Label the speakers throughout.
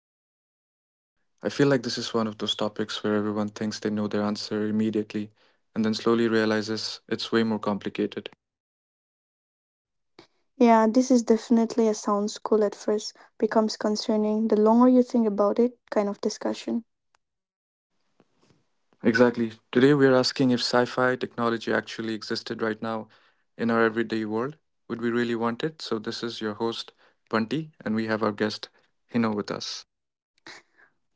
Speaker 1: today's episode. I feel like this is one of those topics where everyone thinks they know their answer immediately and then slowly realizes it's way more complicated.
Speaker 2: Yeah, this is definitely a sounds cool at first, becomes concerning the longer you think about it kind of discussion.
Speaker 1: Exactly. Today we are asking if sci fi technology actually existed right now in our everyday world. Would we really want it? So, this is your host, Bunty, and we have our guest, Hino, with us.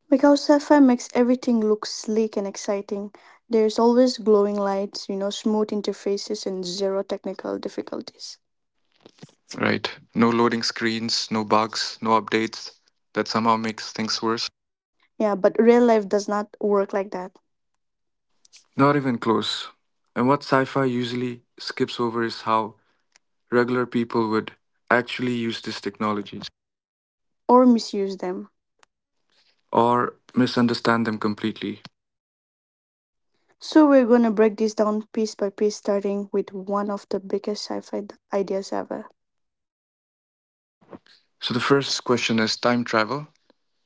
Speaker 2: Because sci-fi makes everything look sleek and exciting. There's always glowing lights, smooth interfaces and zero technical difficulties.
Speaker 1: Right. No loading screens, no bugs, no updates that somehow makes things worse.
Speaker 2: Yeah, but real life does not work like that
Speaker 1: Not even close. And what sci fi usually skips over is how regular people would actually use these technologies
Speaker 2: or misuse them.
Speaker 1: or misunderstand them completely.
Speaker 2: So we're going to break this down piece by piece, starting with one of the biggest sci-fi ideas ever.
Speaker 1: So, the first question is time travel.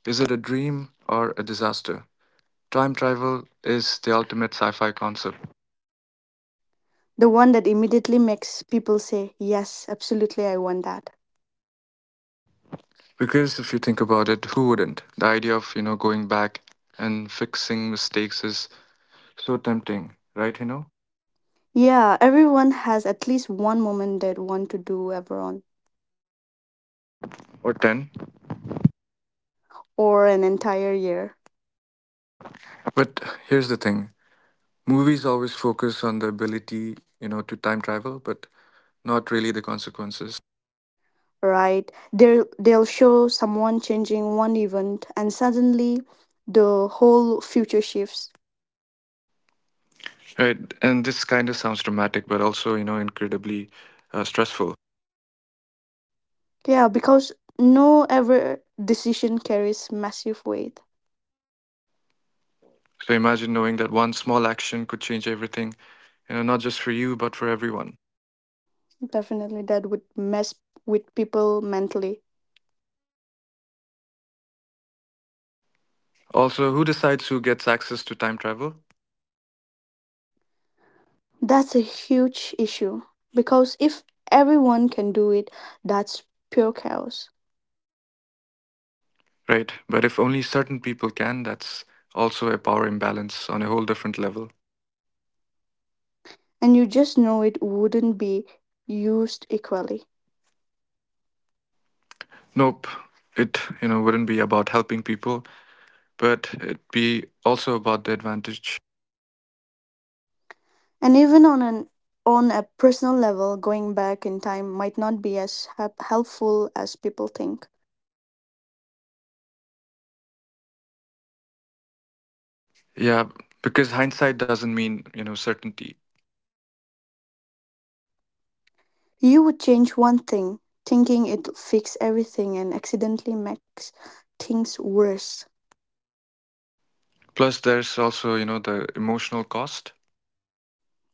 Speaker 1: Is it a dream or a disaster? Time travel is the ultimate sci fi concept.
Speaker 2: The one that immediately makes people say, "Yes, absolutely I want that."
Speaker 1: Because if you think about it, who wouldn't? The idea of, going back and fixing mistakes is so tempting, right,
Speaker 2: Yeah, everyone has at least one moment they want to do ever on,
Speaker 1: Or 10.
Speaker 2: or an entire year,
Speaker 1: But here's the thing movies always focus on the ability, to time travel, but not really the consequences.
Speaker 2: right? They'll show someone changing one event, and suddenly the whole future shifts.
Speaker 1: Right, and this kind of sounds dramatic, but also, incredibly stressful.
Speaker 2: Yeah, because no ever decision carries massive weight.
Speaker 1: So imagine knowing that one small action could change everything, not just for you, but for everyone.
Speaker 2: Definitely, that would mess with people mentally.
Speaker 1: Also, who decides who gets access to time travel?
Speaker 2: That's a huge issue because if everyone can do it, that's pure chaos.
Speaker 1: Right, but if only certain people can, that's also a power imbalance on a whole different level.
Speaker 2: And you just know it wouldn't be used equally.
Speaker 1: Nope, it wouldn't be about helping people, but it'd be also about the advantage.
Speaker 2: And even on an on a personal level, going back in time might not be as helpful as people think.
Speaker 1: Yeah, because hindsight doesn't mean, certainty.
Speaker 2: You would change one thing, thinking it'll fix everything, and accidentally makes things worse.
Speaker 1: Plus, there's also, the emotional cost.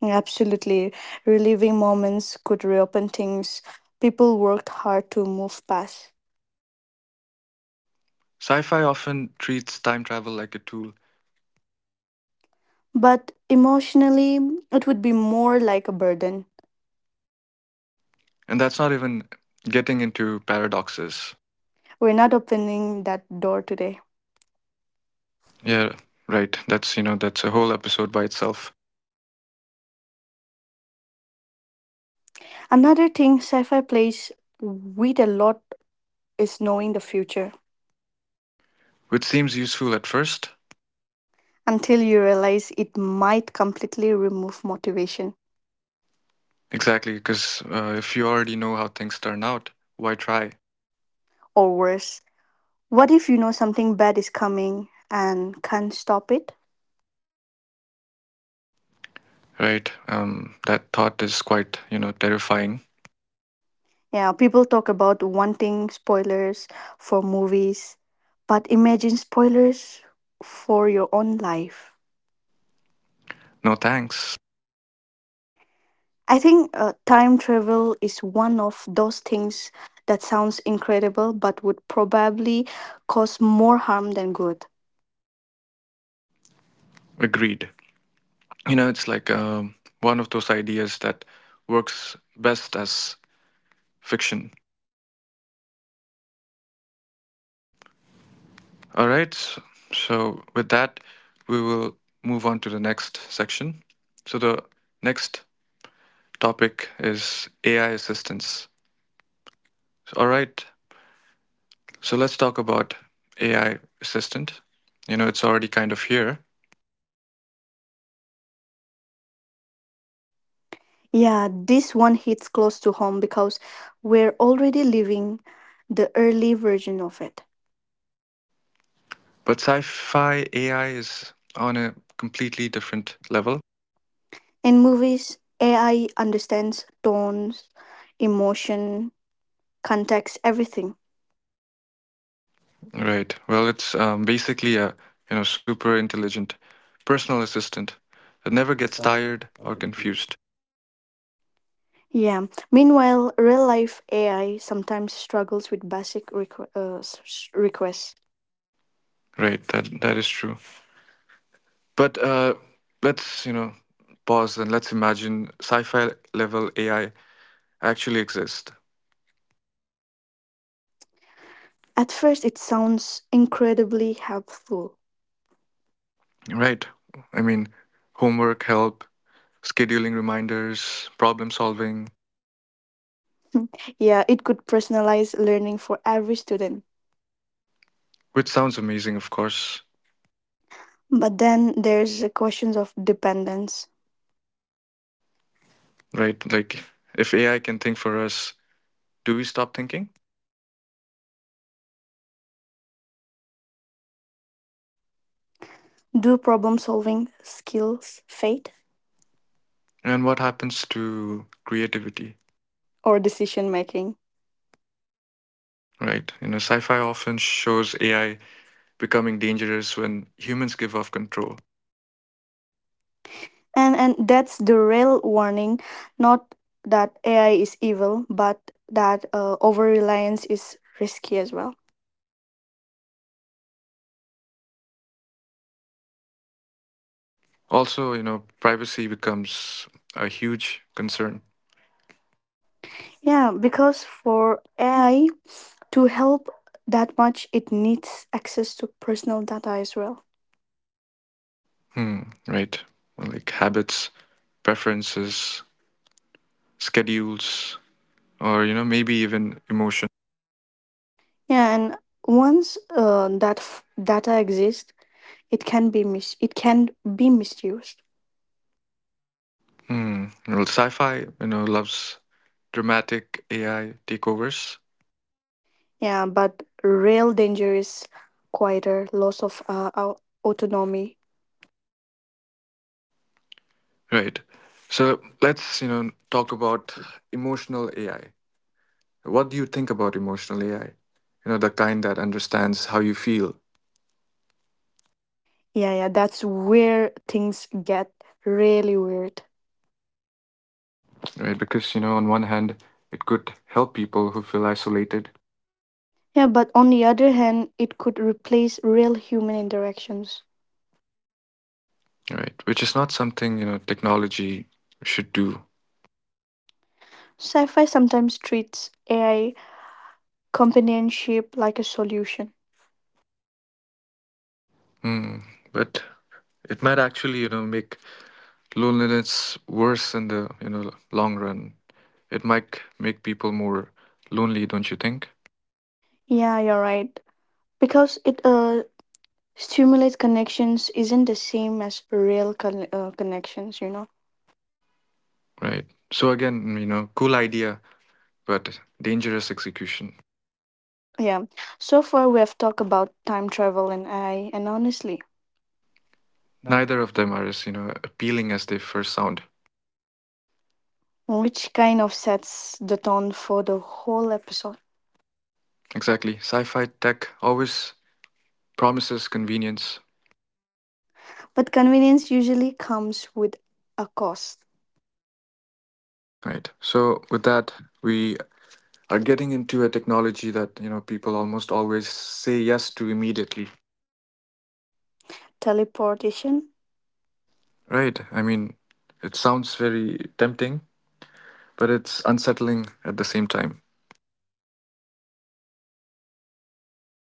Speaker 2: Absolutely, reliving moments could reopen things people worked hard to move past.
Speaker 1: Sci fi often treats time travel like a tool,
Speaker 2: But emotionally, it would be more like a burden.
Speaker 1: and that's not even getting into paradoxes.
Speaker 2: We're not opening that door today.
Speaker 1: Yeah, right. That's a whole episode by itself,
Speaker 2: Another thing sci fi plays with a lot is knowing the future,
Speaker 1: which seems useful at first.
Speaker 2: until you realize it might completely remove motivation,
Speaker 1: Exactly, because if you already know how things turn out, why try?
Speaker 2: or worse. What if you know something bad is coming and can't stop it?
Speaker 1: Right? That thought is quite, terrifying.
Speaker 2: Yeah, people talk about wanting spoilers for movies, but imagine spoilers for your own life.
Speaker 1: No thanks.
Speaker 2: I think time travel is one of those things that sounds incredible but would probably cause more harm than good.
Speaker 1: Agreed. It's like one of those ideas that works best as fiction. All right. So, with that, we will move on to the next section. So, the next topic is AI assistants. All right. So, let's talk about AI assistant. It's already kind of here,
Speaker 2: Yeah, this one hits close to home because we're already living the early version of it.
Speaker 1: but sci fi AI is on a completely different level.
Speaker 2: In movies, AI understands tones, emotion, context, everything.
Speaker 1: Right. It's basically a, super intelligent personal assistant that never gets tired or confused.
Speaker 2: Yeah. Meanwhile, real life AI sometimes struggles with basic requests.
Speaker 1: Right. That is true. But let's pause and let's imagine sci-fi level AI actually exist,
Speaker 2: At first, it sounds incredibly helpful.
Speaker 1: right? I mean, homework help, scheduling reminders, problem solving,
Speaker 2: Yeah, it could personalize learning for every student.
Speaker 1: which sounds amazing, of course,
Speaker 2: But then there's the questions of dependence.
Speaker 1: right? Like if AI can think for us, do we stop thinking?
Speaker 2: Do problem solving skills fade,
Speaker 1: And what happens to creativity,
Speaker 2: or decision making?
Speaker 1: right? Sci-fi often shows AI becoming dangerous when humans give off control.
Speaker 2: And that's the real warning, not that AI is evil, but that over reliance is risky as well.
Speaker 1: Also, privacy becomes a huge concern.
Speaker 2: Yeah, because for AI to help that much, it needs access to personal data as well.
Speaker 1: Hmm, right. Well, like habits, preferences, schedules, or, maybe even emotion.
Speaker 2: Yeah, and once data exists, it can be it can be misused.
Speaker 1: Hmm. Well, sci fi, loves dramatic AI takeovers.
Speaker 2: Yeah, but real danger is quieter loss of autonomy.
Speaker 1: Right. So let's, talk about emotional AI. What do you think about emotional AI? The kind that understands how you feel,
Speaker 2: Yeah, yeah, that's where things get really weird.
Speaker 1: right? Because, on one hand, it could help people who feel isolated,
Speaker 2: Yeah, but on the other hand, it could replace real human interactions.
Speaker 1: right? Which is not something, technology should do.
Speaker 2: Sci-fi sometimes treats AI companionship like a solution.
Speaker 1: Hmm. But it might actually, make loneliness worse in the, long run. It might make people more lonely, don't you think?
Speaker 2: Yeah, you're right because it Stimulate connections isn't the same as real connections, you know?
Speaker 1: Right. So again, cool idea, but dangerous execution.
Speaker 2: Yeah. So far, we have talked about time travel and AI, and honestly,
Speaker 1: Neither of them are as, appealing as they first sound.
Speaker 2: which kind of sets the tone for the whole episode.
Speaker 1: Exactly. Sci-fi tech always promises convenience,
Speaker 2: But convenience usually comes with a cost.
Speaker 1: right? So with that, we are getting into a technology that, people almost always say yes to immediately.
Speaker 2: Teleportation?
Speaker 1: Right. I mean, it sounds very tempting, but it's unsettling at the same time.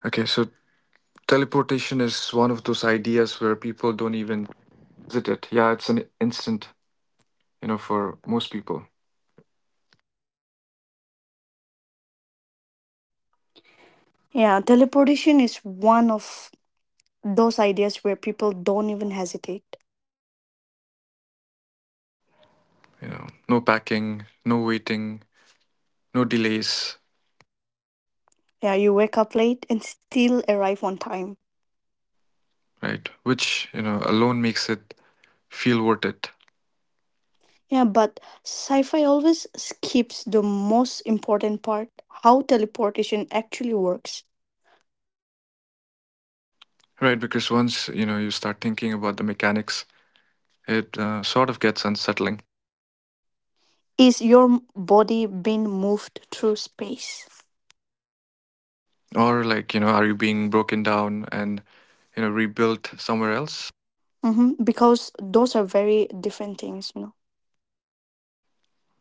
Speaker 1: Okay, so teleportation is one of those ideas where people don't even visit it. Yeah, it's an instant, for most people.
Speaker 2: Yeah, teleportation is one of those ideas where people don't even hesitate.
Speaker 1: No packing, no waiting, no delays,
Speaker 2: Yeah, you wake up late and still arrive on time.
Speaker 1: right? Which, alone makes it feel worth it,
Speaker 2: Yeah, but sci fi always skips the most important part: how teleportation actually works.
Speaker 1: right? Because once, you start thinking about the mechanics, it sort of gets unsettling.
Speaker 2: Is your body being moved through space?
Speaker 1: Or, like, are you being broken down and, rebuilt somewhere else?
Speaker 2: Hmm. Because those are very different things, you know.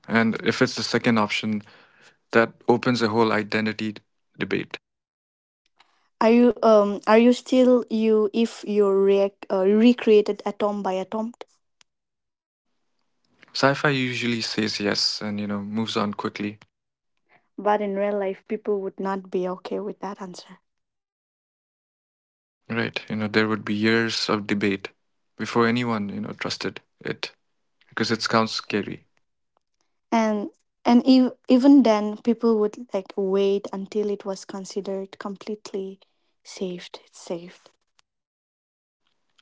Speaker 1: And if it's the second option, that opens a whole debate.
Speaker 2: Are you still you if you react recreated atom by atom?
Speaker 1: Sci-fi usually says yes and moves on quickly.
Speaker 2: But in real life, people would not be okay with that answer.
Speaker 1: Right, there would be years of debate before anyone trusted it because it sounds scary.
Speaker 2: And and even then, people would like wait until it was considered completely saved. It's saved.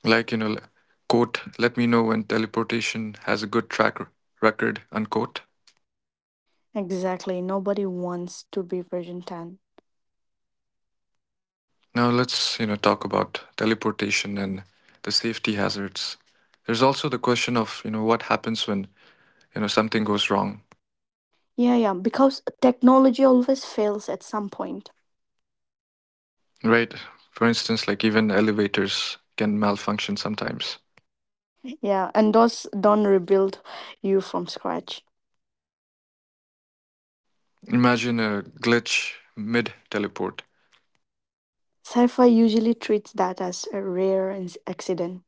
Speaker 1: Like you know, l- Quote, "Let me know when teleportation has a good record." Unquote.
Speaker 2: Exactly. Nobody wants to be version 10.
Speaker 1: Now let's talk about teleportation and the safety hazards. There's also the question of what happens when something goes wrong.
Speaker 2: Yeah, yeah, because technology always fails at some point.
Speaker 1: Right. For instance, like even elevators can malfunction sometimes.
Speaker 2: Yeah, and those don't rebuild you from scratch.
Speaker 1: Imagine a glitch mid teleport.
Speaker 2: Sci fi usually treats that as a rare accident.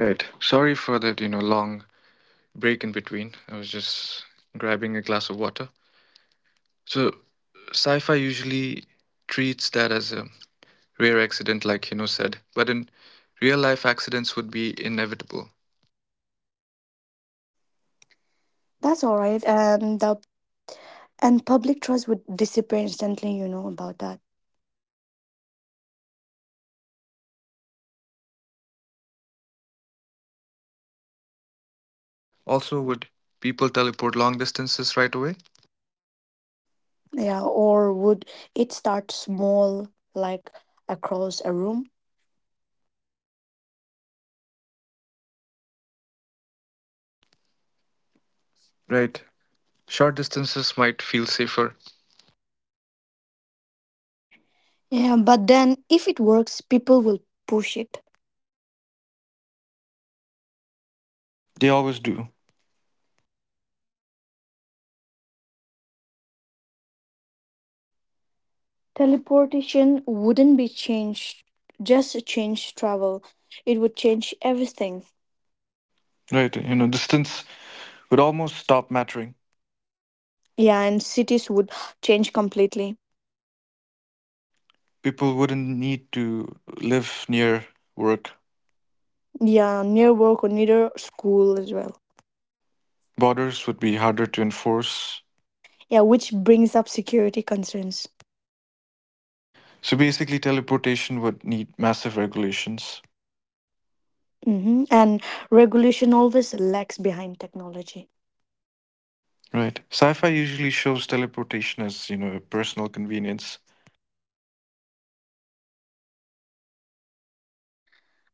Speaker 1: Right. Sorry for that, long break in between. I was just grabbing a glass of water. So, sci fi usually treats that as a rare accident, like Hino said, but in real life, accidents would be inevitable.
Speaker 2: That's all right. And public trust would disappear instantly, about that.
Speaker 1: Also, would people teleport long distances right away?
Speaker 2: Yeah, or would it start small, like across a room?
Speaker 1: Right. Short distances might feel safer.
Speaker 2: Yeah, but then if it works, people will push it.
Speaker 1: They always do.
Speaker 2: Teleportation wouldn't be changed, just change travel. It would change everything.
Speaker 1: Right. Distance would almost stop mattering.
Speaker 2: Yeah, and cities would change completely.
Speaker 1: People wouldn't need to live near work.
Speaker 2: Yeah, near work or near school as well.
Speaker 1: Borders would be harder to enforce.
Speaker 2: Yeah, which brings up security concerns.
Speaker 1: So basically, teleportation would need massive regulations,
Speaker 2: Hmm. And regulation always lags behind technology.
Speaker 1: right? Sci fi usually shows teleportation as, a personal convenience.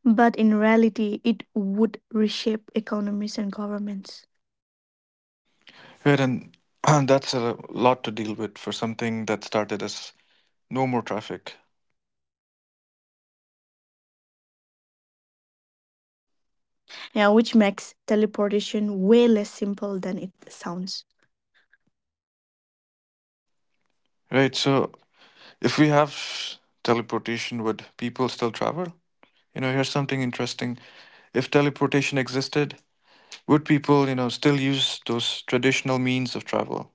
Speaker 2: But in reality, it would reshape economies and governments.
Speaker 1: Right, and that's a lot to deal with for something that started as no more traffic,
Speaker 2: Yeah, which makes teleportation way less simple than it sounds.
Speaker 1: right? So if we have teleportation, would people still travel? Here's something interesting. If teleportation existed, would people, still use those traditional means of travel?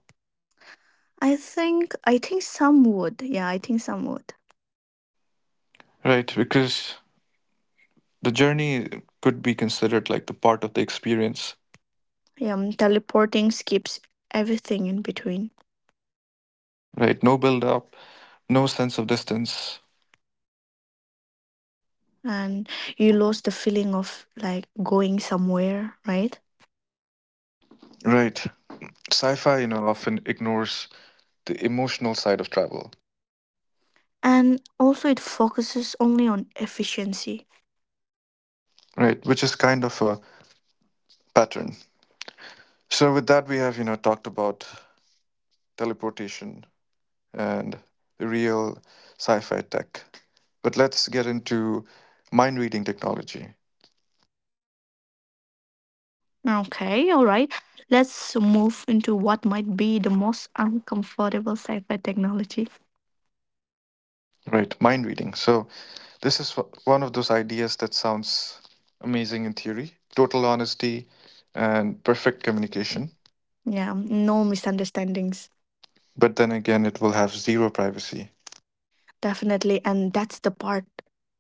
Speaker 2: I think some would. Yeah, I think some would.
Speaker 1: Right, because the journey could be considered like the part of the experience,
Speaker 2: Yeah, teleporting skips everything in between,
Speaker 1: right? No build up, no sense of distance,
Speaker 2: and you lose the feeling of like going somewhere, right?
Speaker 1: right? Sci fi, often ignores the emotional side of travel,
Speaker 2: And also, it focuses only on efficiency.
Speaker 1: right? Which is kind of a pattern. So, with that, we have, talked about teleportation and the real sci fi tech. But let's get into mind reading technology,
Speaker 2: Okay, all right. Let's move into what might be the most uncomfortable sci-fi technology.
Speaker 1: right? Mind reading. So, this is one of those ideas that sounds amazing in theory, total honesty and perfect communication.
Speaker 2: Yeah, no misunderstandings,
Speaker 1: But then again, it will have zero privacy.
Speaker 2: definitely. And that's the part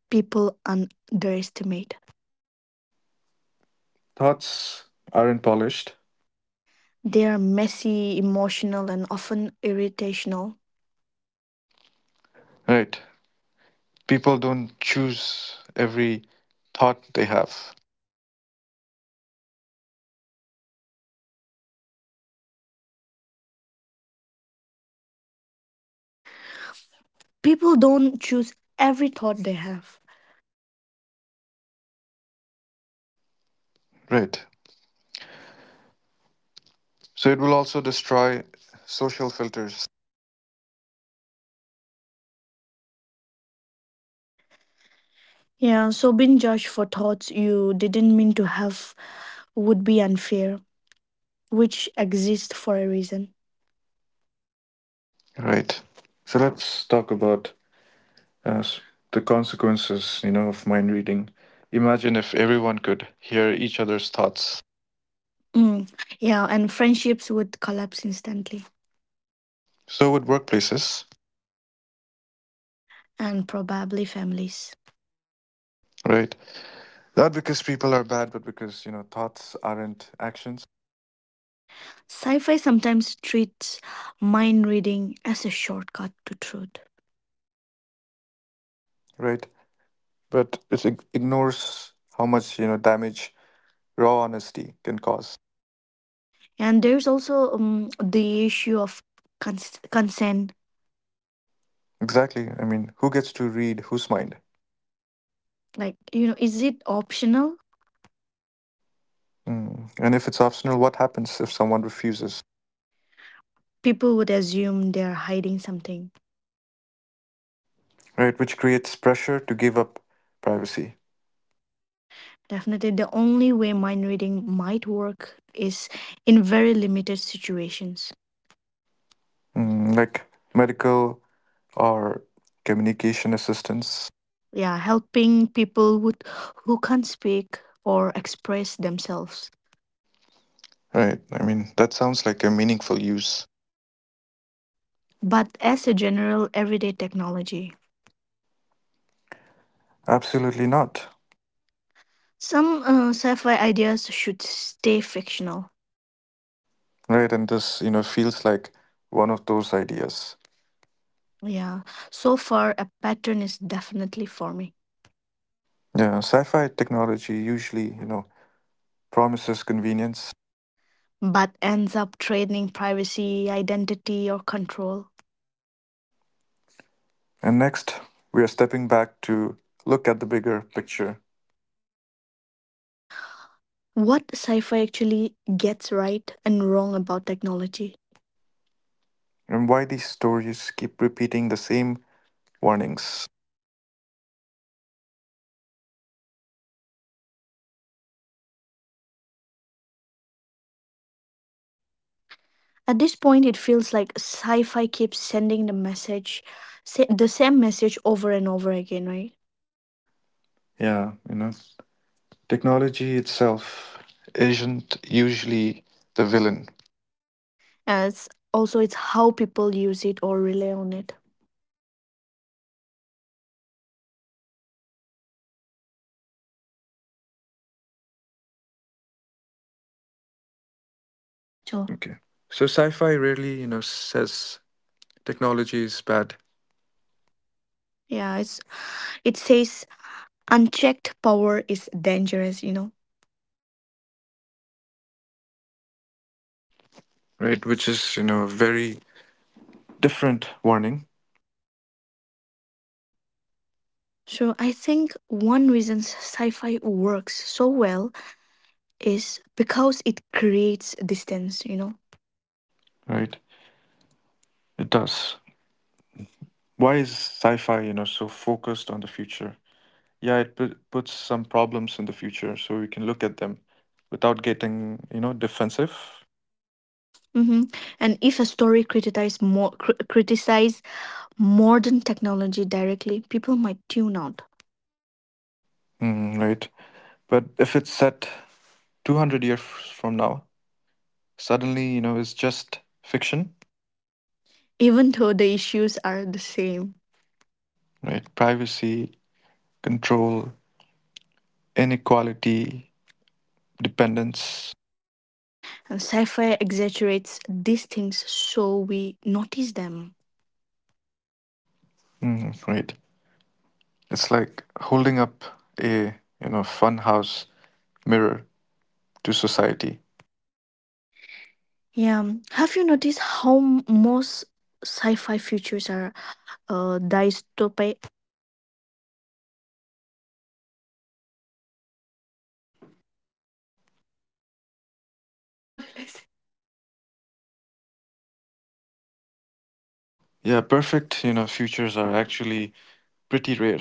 Speaker 2: people underestimate.
Speaker 1: Thoughts aren't polished.
Speaker 2: They are messy, emotional, and often irritational.
Speaker 1: Right. People don't choose every thought they have.
Speaker 2: People don't choose every thought they have.
Speaker 1: Right. So it will also destroy social filters.
Speaker 2: Yeah, so being judged for thoughts you didn't mean to have would be unfair, which exist for a reason.
Speaker 1: Right. So let's talk about uh, s- the consequences, of mind reading. Imagine if everyone could hear each other's thoughts.
Speaker 2: Mm. Yeah, and friendships would collapse instantly,
Speaker 1: So with workplaces,
Speaker 2: and probably families.
Speaker 1: right? Not because people are bad, but because thoughts aren't actions,
Speaker 2: Sci fi sometimes treats mind reading as a shortcut to truth.
Speaker 1: right? But it ignores how much damage raw honesty can cause.
Speaker 2: And there's also the issue of consent.
Speaker 1: Exactly. I mean, who gets to read whose mind?
Speaker 2: Like, you know, is it optional?
Speaker 1: Mm. And if it's optional, what happens if someone refuses,
Speaker 2: People would assume they're hiding something.
Speaker 1: right? Which creates pressure to give up privacy,
Speaker 2: Definitely, the only way mind reading might work is in very limited situations.
Speaker 1: mm, like medical or communication assistance,
Speaker 2: Yeah, helping people who can't speak or express themselves.
Speaker 1: right? I mean, that sounds like a meaningful use.
Speaker 2: But as a general everyday technology,
Speaker 1: Absolutely not.
Speaker 2: some sci-fi ideas should stay fictional.
Speaker 1: Right, and this, feels like one of those ideas.
Speaker 2: Yeah. So far, a pattern is definitely forming,
Speaker 1: Yeah, sci-fi technology usually, promises convenience.
Speaker 2: but ends up trading privacy, identity, or control.
Speaker 1: And next, we are stepping back to look at the bigger picture
Speaker 2: What sci-fi actually gets right and wrong about technology?
Speaker 1: and why these stories keep repeating the same warnings.
Speaker 2: At this point, it feels like sci-fi keeps sending the message, the same message over and over again, right?
Speaker 1: Yeah, technology itself isn't usually the villain.
Speaker 2: As also, it's how people use it or rely on it.
Speaker 1: Oh. Okay. So sci-fi rarely, says technology is bad,
Speaker 2: Yeah, it's It says unchecked power is dangerous, you know.
Speaker 1: right? Which is, a very different warning,
Speaker 2: So I think one reason sci fi works so well is because it creates distance, you know.
Speaker 1: right? It does. Why is sci-fi, so focused on the future? Yeah, it puts some problems in the future, so we can look at them without getting, defensive.
Speaker 2: Hmm. And if a story criticize more criticize modern technology directly, people might tune out,
Speaker 1: Mm, right. But if it's set 200 years from now, suddenly, it's just fiction,
Speaker 2: even though the issues are the same.
Speaker 1: right? Privacy, control, inequality, dependence.
Speaker 2: And sci-fi exaggerates these things so we notice them.
Speaker 1: Mm, right. It's like holding up a, funhouse mirror to society.
Speaker 2: Yeah. Have you noticed how most sci-fi futures are dystopia.
Speaker 1: What did I say? Yeah, perfect, futures are actually pretty rare,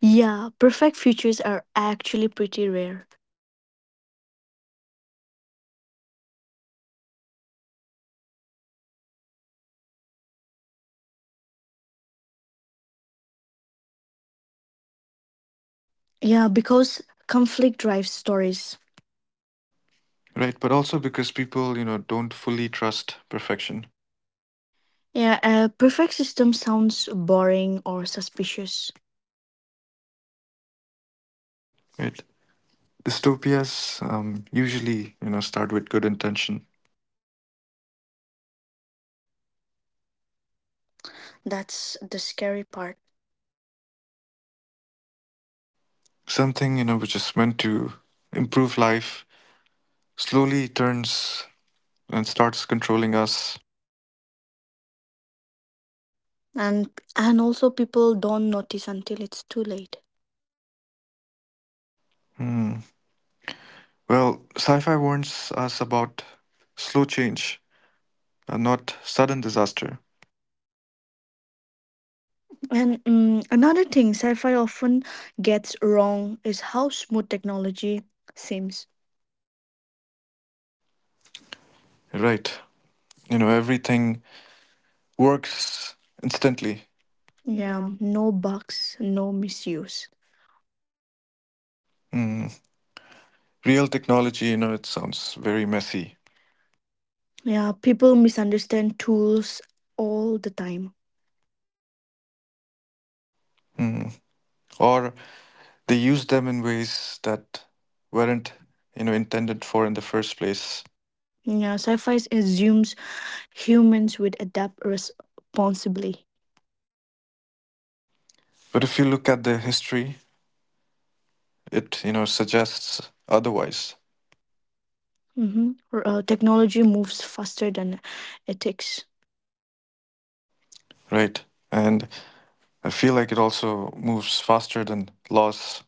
Speaker 2: Yeah, perfect futures are actually pretty rare. Yeah, because conflict drives stories.
Speaker 1: right? But also because people, don't fully trust perfection,
Speaker 2: Yeah, a perfect system sounds boring or suspicious.
Speaker 1: right? Dystopias usually, start with good intention.
Speaker 2: That's the scary part.
Speaker 1: Something, which is meant to improve life slowly turns and starts controlling us.
Speaker 2: And and also people don't notice until it's too late.
Speaker 1: Hmm. Well, sci fi warns us about slow change, not sudden disaster,
Speaker 2: And another thing sci-fi often gets wrong is how smooth technology seems.
Speaker 1: right? Everything works instantly.
Speaker 2: Yeah, no bugs, no misuse.
Speaker 1: Hmm. Real technology, it sounds very messy.
Speaker 2: Yeah, people misunderstand tools all the time.
Speaker 1: Mm. Or they used them in ways that weren't, intended for in the first place.
Speaker 2: Yeah, sci-fi assumes humans would adapt responsibly.
Speaker 1: But if you look at the history, it, suggests otherwise,
Speaker 2: Mm-hmm. Technology moves faster than ethics.
Speaker 1: right? And I feel like it also moves faster than laws,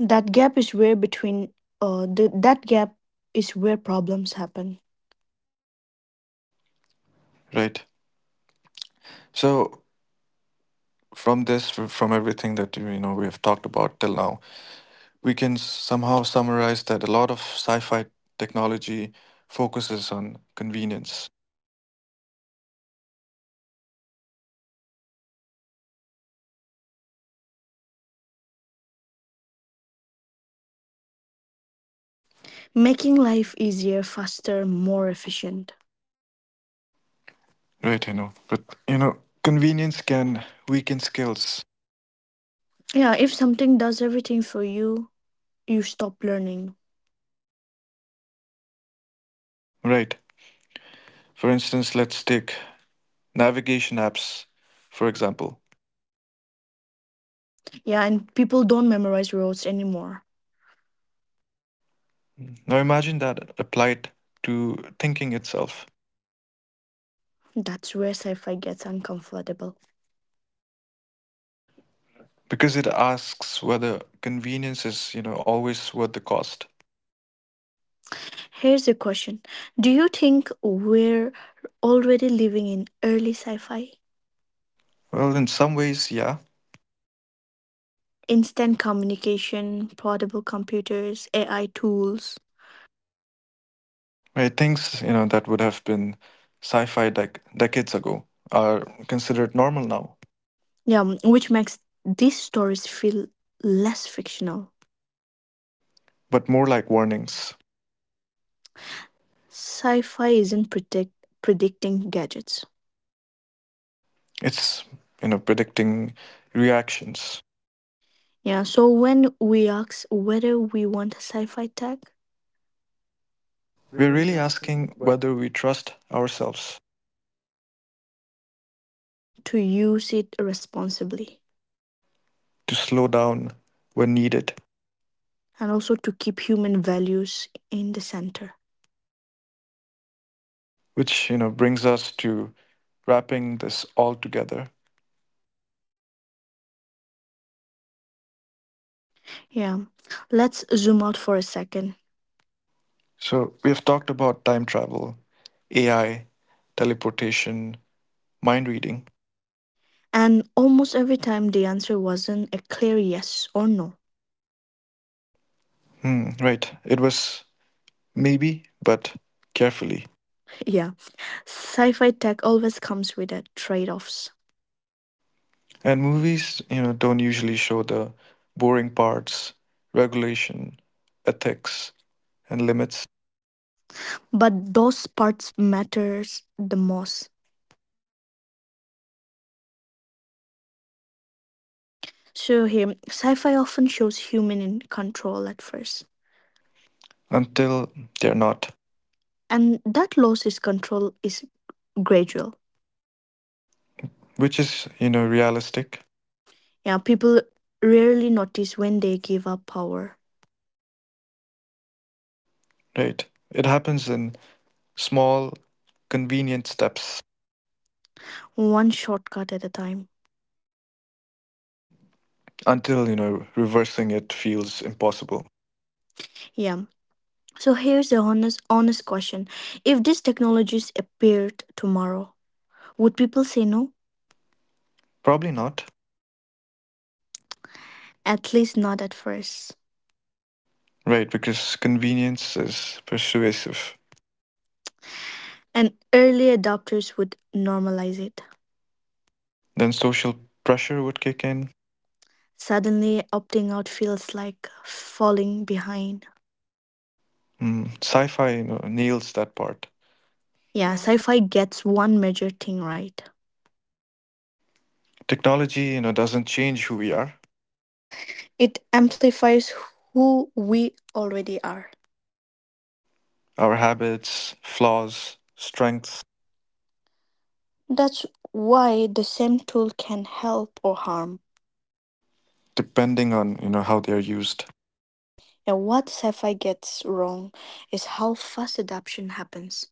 Speaker 2: That gap is where between that gap is where problems happen.
Speaker 1: right? So from this, from everything that, we have talked about till now, we can somehow summarize that a lot of sci-fi technology focuses on convenience.
Speaker 2: Making life easier, faster, more efficient.
Speaker 1: Right, I know. But, you know, convenience can weaken skills,
Speaker 2: Yeah, if something does everything for you, you stop learning.
Speaker 1: right? For instance, let's take navigation apps, for example.
Speaker 2: Yeah, and people don't memorize roads anymore.
Speaker 1: Now imagine that applied to thinking itself,
Speaker 2: That's where sci-fi gets uncomfortable.
Speaker 1: because it asks whether convenience is, always worth the cost.
Speaker 2: Here's a question: do you think we're already living in early sci fi?
Speaker 1: Well, in some ways, yeah.
Speaker 2: Instant communication, portable computers, AI tools.
Speaker 1: Right, things, that would have been decades ago are considered normal now,
Speaker 2: Yeah, which makes these stories feel less fictional.
Speaker 1: but more like warnings.
Speaker 2: Sci fi isn't predicting gadgets.
Speaker 1: It's, predicting reactions.
Speaker 2: Yeah, so when we ask whether we want sci fi tech,
Speaker 1: We're really asking whether we trust ourselves
Speaker 2: to use it responsibly
Speaker 1: to slow down when needed,
Speaker 2: and also to keep human values in the center.
Speaker 1: which brings us to wrapping this all together.
Speaker 2: Yeah, let's zoom out for a second.
Speaker 1: So we have talked about time travel, AI, teleportation, mind reading.
Speaker 2: And almost every time the answer wasn't a clear yes or no.
Speaker 1: Hmm, right. It was maybe, but carefully.
Speaker 2: Yeah, sci fi tech always comes with a trade offs.
Speaker 1: And movies, don't usually show the boring parts, regulation, ethics, and limits
Speaker 2: But those parts matters the most. So here, sci-fi often shows human in control at first.
Speaker 1: until they're not,
Speaker 2: And that loss is control is gradual.
Speaker 1: which is, realistic.
Speaker 2: Yeah, people rarely notice when they give up power.
Speaker 1: Right. It happens in small, convenient steps
Speaker 2: One shortcut at a time.
Speaker 1: until, reversing it feels impossible.
Speaker 2: Yeah. So here's the honest question. If these technologies appeared tomorrow, would people say no?
Speaker 1: Probably not.
Speaker 2: At least not at first.
Speaker 1: Right, because convenience is persuasive.
Speaker 2: And early adopters would normalize it.
Speaker 1: Then social pressure would kick in.
Speaker 2: Suddenly, opting out feels like falling behind.
Speaker 1: Mm, sci-fi, nails that part.
Speaker 2: Yeah, sci fi gets one major thing right.
Speaker 1: Technology, doesn't change who we are,
Speaker 2: It amplifies who we already are.
Speaker 1: our habits, flaws, strengths,
Speaker 2: That's why the same tool can help or harm.
Speaker 1: depending on, how they are used.
Speaker 2: And what sci fi gets wrong is how fast adoption happens.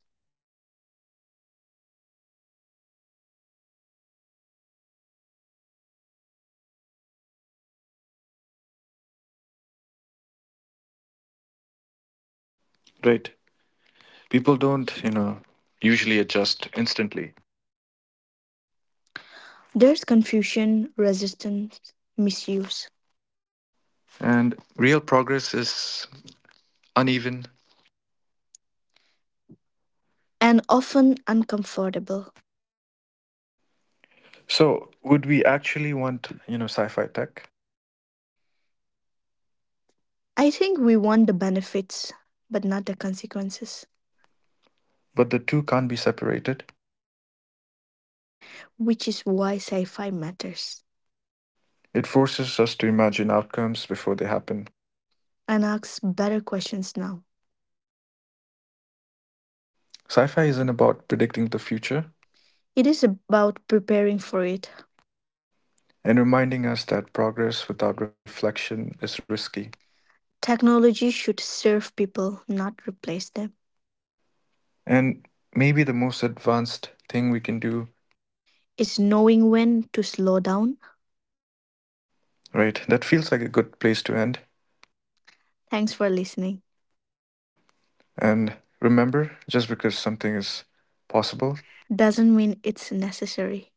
Speaker 1: Right. People don't, usually adjust instantly.
Speaker 2: There's confusion, resistance, misuse.
Speaker 1: And real progress is uneven.
Speaker 2: And often uncomfortable.
Speaker 1: So, would we actually want, sci-fi tech?
Speaker 2: I think we want the benefits, but not the consequences,
Speaker 1: But the two can't be separated.
Speaker 2: which is why sci fi matters
Speaker 1: It forces us to imagine outcomes before they happen.
Speaker 2: and asks better questions now.
Speaker 1: Sci-fi isn't about predicting the future
Speaker 2: It is about preparing for it.
Speaker 1: and reminding us that progress without reflection is risky.
Speaker 2: Technology should serve people, not replace them.
Speaker 1: And maybe the most advanced thing we can do,
Speaker 2: It's knowing when to slow down.
Speaker 1: right? That feels like a good place to end.
Speaker 2: Thanks for listening.
Speaker 1: And remember, just because something is possible
Speaker 2: Doesn't mean it's necessary.